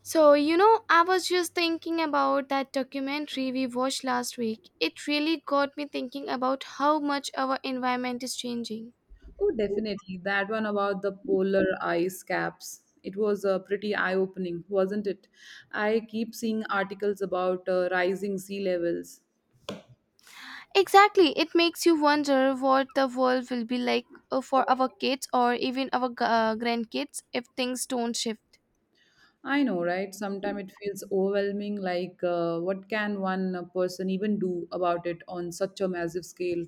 So, you know, I was just thinking about that documentary we watched last week. It really got me thinking about how much our environment is changing. Oh, definitely. That one about the polar ice caps. It was pretty eye opening, wasn't it? I keep seeing articles about rising sea levels. Exactly, it makes you wonder what the world will be like for our kids or even our grandkids if things don't shift. I know, right? Sometimes it feels overwhelming like, what can one person even do about it on such a massive scale?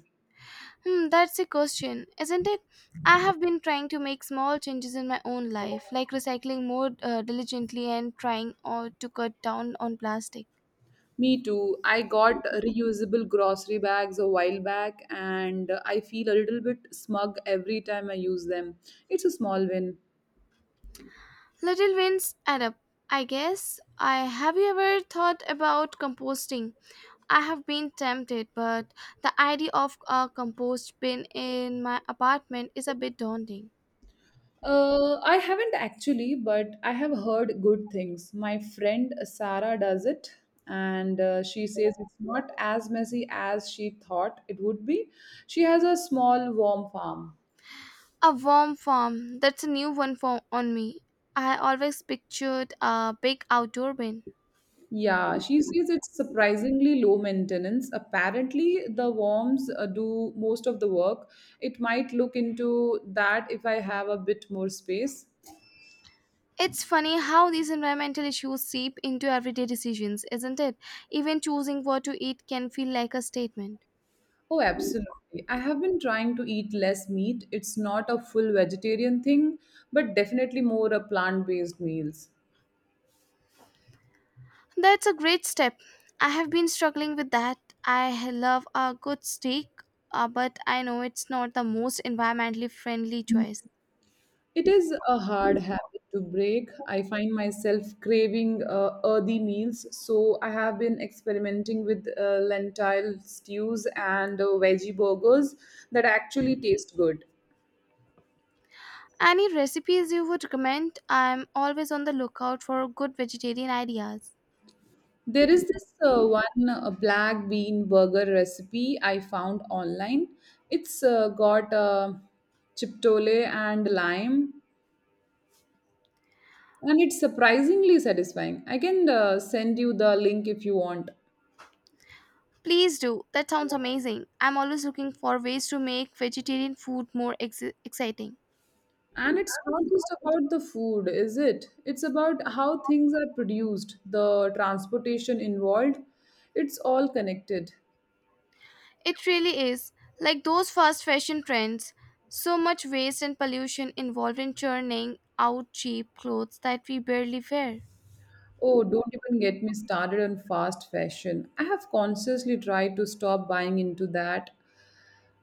Hmm, that's a question, isn't it? I have been trying to make small changes in my own life, like recycling more diligently and trying to cut down on plastic. Me too. I got reusable grocery bags a while back, and I feel a little bit smug every time I use them. It's a small win. Little wins add up, I guess. I have you ever thought about composting? I have been tempted, but the idea of a compost bin in my apartment is a bit daunting. I haven't actually, but I have heard good things. My friend Sarah does it, and she says it's not as messy as she thought it would be. She has a small, warm farm. A warm farm, that's a new one for on me. I always pictured a big outdoor bin. Yeah, she says it's surprisingly low maintenance. Apparently, the worms do most of the work. It might look into that if I have a bit more space. It's funny how these environmental issues seep into everyday decisions, isn't it? Even choosing what to eat can feel like a statement. Oh, absolutely. I have been trying to eat less meat. It's not a full vegetarian thing, but definitely more a plant-based meals. That's a great step. I have been struggling with that. I love a good steak, but I know it's not the most environmentally friendly choice. It is a hard habit to break. I find myself craving earthy meals, so I have been experimenting with lentil stews and veggie burgers that actually taste good. Any recipes you would recommend? I'm always on the lookout for good vegetarian ideas. There is this one black bean burger recipe I found online. It's got chiptole and lime, and it's surprisingly satisfying. I can send you the link if you want. Please do. That sounds amazing. I'm always looking for ways to make vegetarian food more exciting. And it's not just about the food, is it? It's about how things are produced, the transportation involved. It's all connected. It really is. Like those fast fashion trends, so much waste and pollution involved in churning out cheap clothes that we barely wear. Oh, don't even get me started on fast fashion. I have consciously tried to stop buying into that.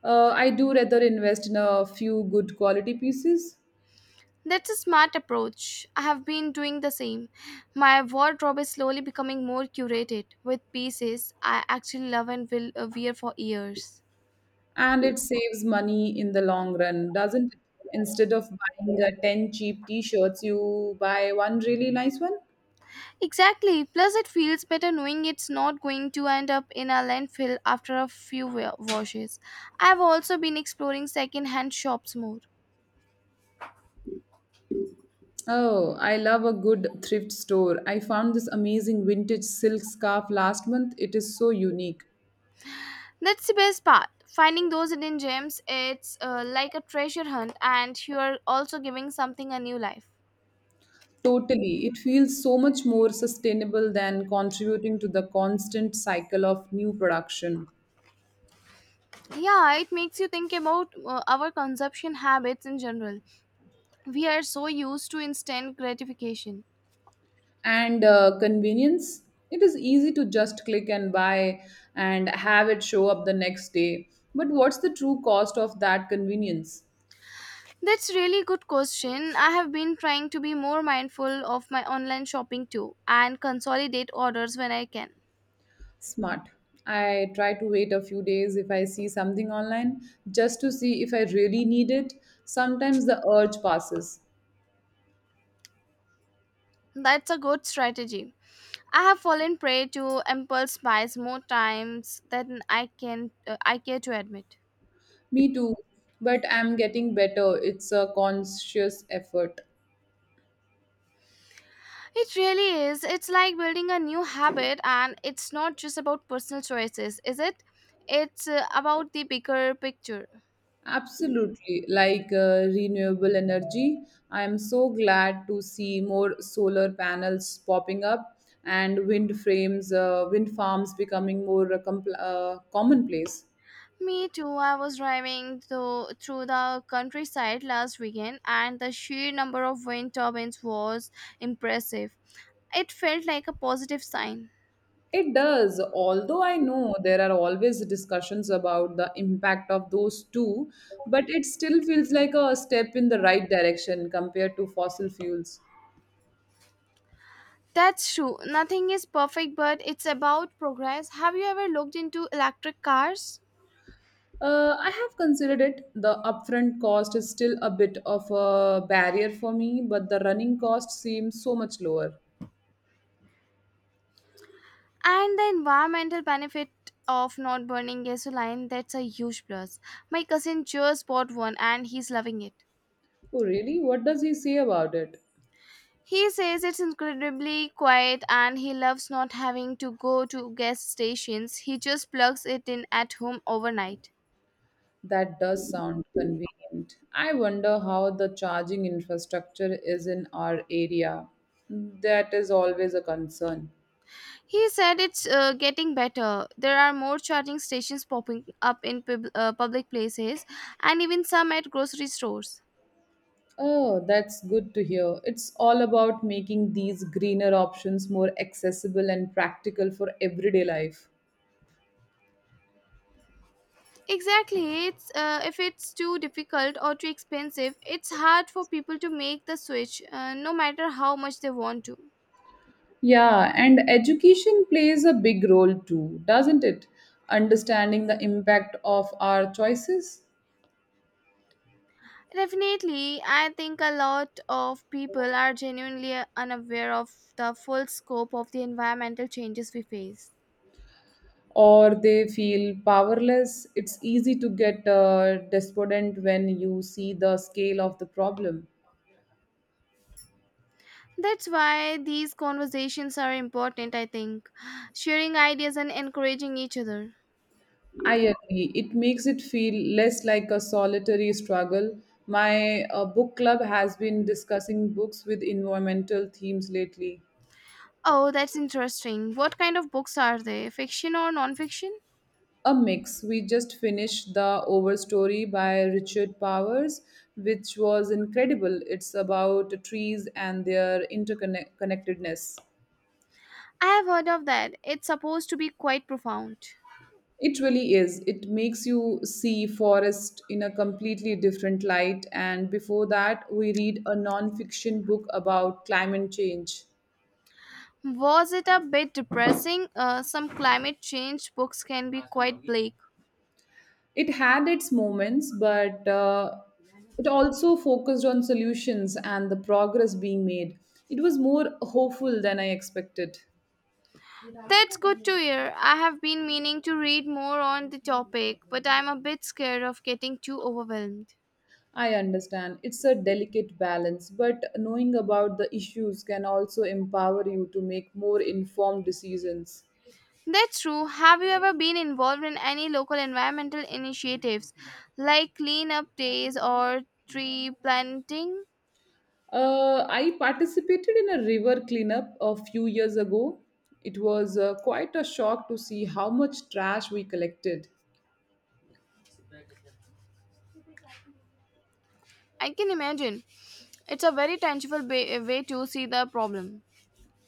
I do rather invest in a few good quality pieces, That's a smart approach. I have been doing the same. My wardrobe is slowly becoming more curated with pieces I actually love and will wear for years. and it saves money in the long run, doesn't it? Instead of buying 10 cheap t shirts, you buy one really nice one. Exactly. Plus, it feels better knowing it's not going to end up in a landfill after a few washes. I've also been exploring second-hand shops more. Oh, I love a good thrift store. I found this amazing vintage silk scarf last month. It is so unique. That's the best part. Finding those hidden gems, it's like a treasure hunt, and you're also giving something a new life. Totally. It feels so much more sustainable than contributing to the constant cycle of new production. Yeah, it makes you think about our consumption habits in general. We are so used to instant gratification. And convenience, it is easy to just click and buy and have it show up the next day, but what's the true cost of that convenience? That's really good question. I have been trying to be more mindful of my online shopping too and consolidate orders when I can. Smart. I try to wait a few days if I see something online, just to see if I really need it. Sometimes the urge passes. That's a good strategy. I have fallen prey to impulse buys more times than I can I care to admit. Me too, but I'm getting better. It's a conscious effort. It really is. It's like building a new habit, and it's not just about personal choices, is it? It's about the bigger picture. Absolutely, like renewable energy. I am so glad to see more solar panels popping up and wind farms becoming more commonplace. Me too. I was driving through the countryside last weekend, and the sheer number of wind turbines was impressive. It felt like a positive sign. It does, although I know there are always discussions about the impact of those two, but it still feels like a step in the right direction compared to fossil fuels. That's true. Nothing is perfect, but it's about progress. Have you ever looked into electric cars? I have considered it. The upfront cost is still a bit of a barrier for me, but the running cost seems so much lower. And the environmental benefit of not burning gasoline, that's a huge plus. My cousin just bought one and he's loving it. Oh, really? What does he say about it? He says it's incredibly quiet and he loves not having to go to gas stations. He just plugs it in at home overnight. That does sound convenient. I wonder how the charging infrastructure is in our area. That is always a concern. He said it's getting better. There are more charging stations popping up in public places and even some at grocery stores. Oh, that's good to hear. It's all about making these greener options more accessible and practical for everyday life. Exactly. It's if it's too difficult or too expensive, it's hard for people to make the switch, no matter how much they want to. Yeah, and education plays a big role too, doesn't it? Understanding the impact of our choices, Definitely, I think a lot of people are genuinely unaware of the full scope of the environmental changes we face. or they feel powerless. It's easy to get despondent when you see the scale of the problem. That's why these conversations are important, I think. Sharing ideas and encouraging each other. I agree. It makes it feel less like a solitary struggle. My book club has been discussing books with environmental themes lately. Oh, that's interesting. What kind of books are they? Fiction or non fiction? A mix. We just finished The Overstory by Richard Powers, which was incredible. It's about trees and their interconnectedness. I have heard of that. It's supposed to be quite profound. It really is. It makes you see forest in a completely different light. And before that, we read a non-fiction book about climate change. Was it a bit depressing? Some climate change books can be quite bleak. It had its moments, but it also focused on solutions and the progress being made. It was more hopeful than I expected. That's good to hear. I have been meaning to read more on the topic, but I'm a bit scared of getting too overwhelmed. I understand. It's a delicate balance, but knowing about the issues can also empower you to make more informed decisions. That's true. Have you ever been involved in any local environmental initiatives like cleanup days or tree planting? I participated in a river cleanup a few years ago. It was quite a shock to see how much trash we collected. I can imagine. It's a very tangible way to see the problem.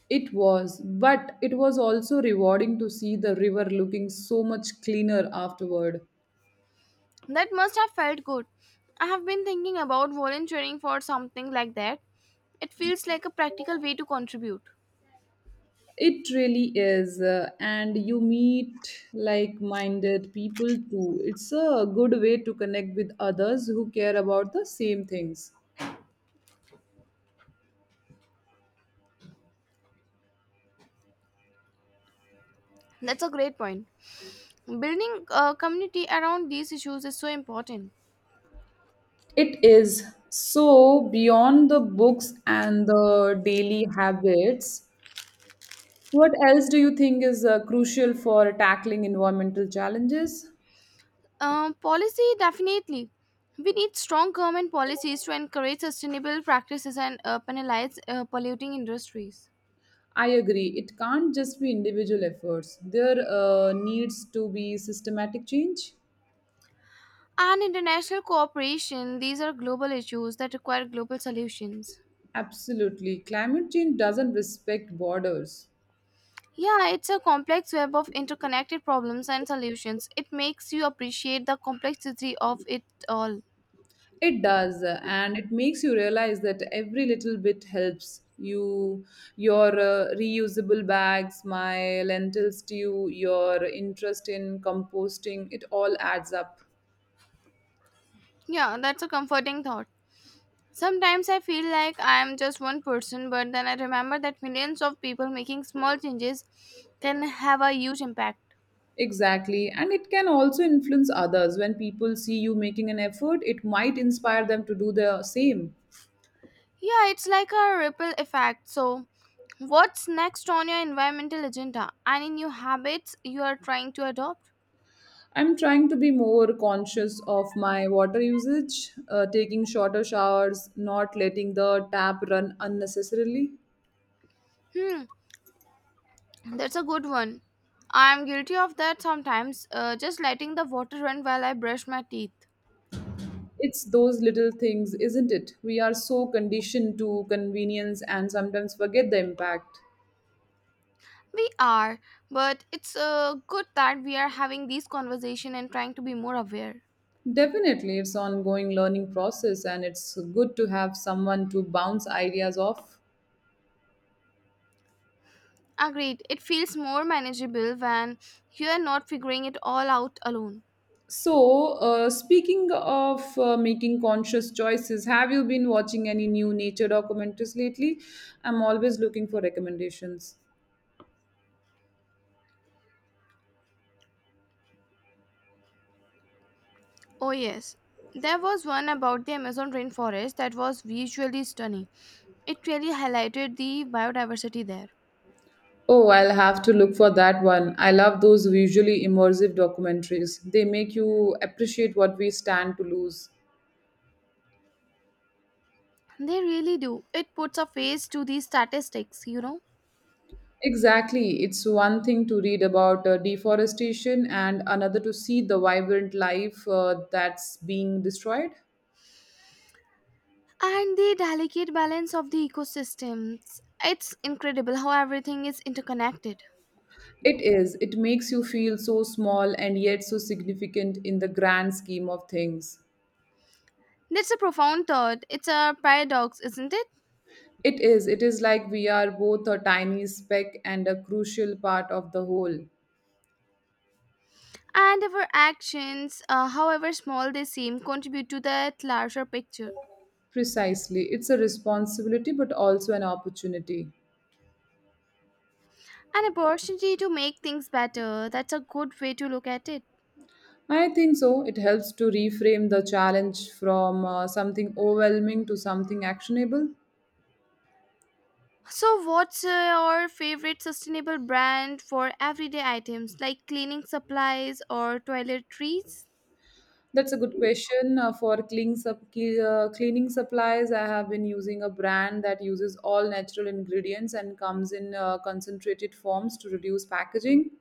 It was, but it was also rewarding to see the river looking so much cleaner afterward. That must have felt good. I have been thinking about volunteering for something like that. It feels like a practical way to contribute. It really is, and you meet like minded people too. It's a good way to connect with others who care about the same things. That's a great point. Building a community around these issues is so important. It is. So, beyond the books and the daily habits, what else do you think is crucial for tackling environmental challenges? Policy, definitely. We need strong government policies to encourage sustainable practices and penalize polluting industries. I agree. It can't just be individual efforts, there needs to be systematic change. And international cooperation, these are global issues that require global solutions. Absolutely. Climate change doesn't respect borders. Yeah, it's a complex web of interconnected problems and solutions. It makes you appreciate the complexity of it all. It does, and it makes you realize that every little bit helps. You, your reusable bags, my lentil stew, your interest in composting, it all adds up. Yeah, that's a comforting thought. Sometimes I feel like I am just one person, but then I remember that millions of people making small changes can have a huge impact. Exactly, and it can also influence others. When people see you making an effort, it might inspire them to do the same. Yeah, it's like a ripple effect. So, what's next on your environmental agenda and in new habits you are trying to adopt? I'm trying to be more conscious of my water usage, taking shorter showers, not letting the tap run unnecessarily. Hmm, that's a good one. I'm guilty of that sometimes, just letting the water run while I brush my teeth. It's those little things, isn't it? We are so conditioned to convenience and sometimes forget the impact. We are, but it's good that we are having these conversation and trying to be more aware. Definitely, it's ongoing learning process and it's good to have someone to bounce ideas off. Agreed. It feels more manageable when you are not figuring it all out alone. So, speaking of making conscious choices, have you been watching any new nature documentaries lately? I'm always looking for recommendations. Oh yes. There was one about the Amazon rainforest that was visually stunning. It really highlighted the biodiversity there. Oh, I'll have to look for that one. I love those visually immersive documentaries. They make you appreciate what we stand to lose. They really do. It puts a face to these statistics, you know. Exactly. It's one thing to read about deforestation and another to see the vibrant life that's being destroyed. And the delicate balance of the ecosystems. It's incredible how everything is interconnected. It is. It makes you feel so small and yet so significant in the grand scheme of things. That's a profound thought. It's a paradox, isn't it? It is. It is like we are both a tiny speck and a crucial part of the whole. And our actions, however small they seem, contribute to that larger picture. Precisely. It's a responsibility but also an opportunity. An opportunity to make things better. That's a good way to look at it. I think so. It helps to reframe the challenge from something overwhelming to something actionable. So, what's your favorite sustainable brand for everyday items like cleaning supplies or toiletries? That's a good question. For cleaning supplies, I have been using a brand that uses all natural ingredients and comes in concentrated forms to reduce packaging.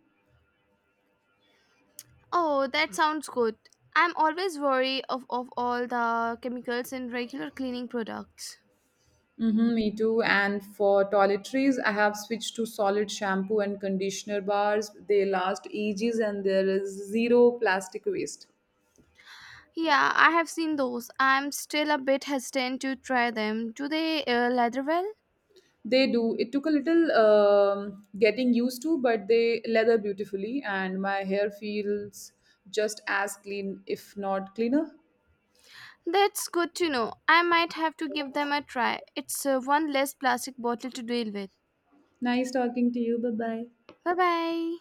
Oh, that sounds good. I'm always worried of all the chemicals in regular cleaning products. Mm-hmm, me too. And for toiletries, I have switched to solid shampoo and conditioner bars. They last ages and there is zero plastic waste. Yeah, I have seen those. I'm still a bit hesitant to try them. Do they lather well? They do. It took a little getting used to, but they leather beautifully, and my hair feels just as clean, if not cleaner. That's good to know. I might have to give them a try. It's one less plastic bottle to deal with. Nice talking to you. Bye bye. Bye bye.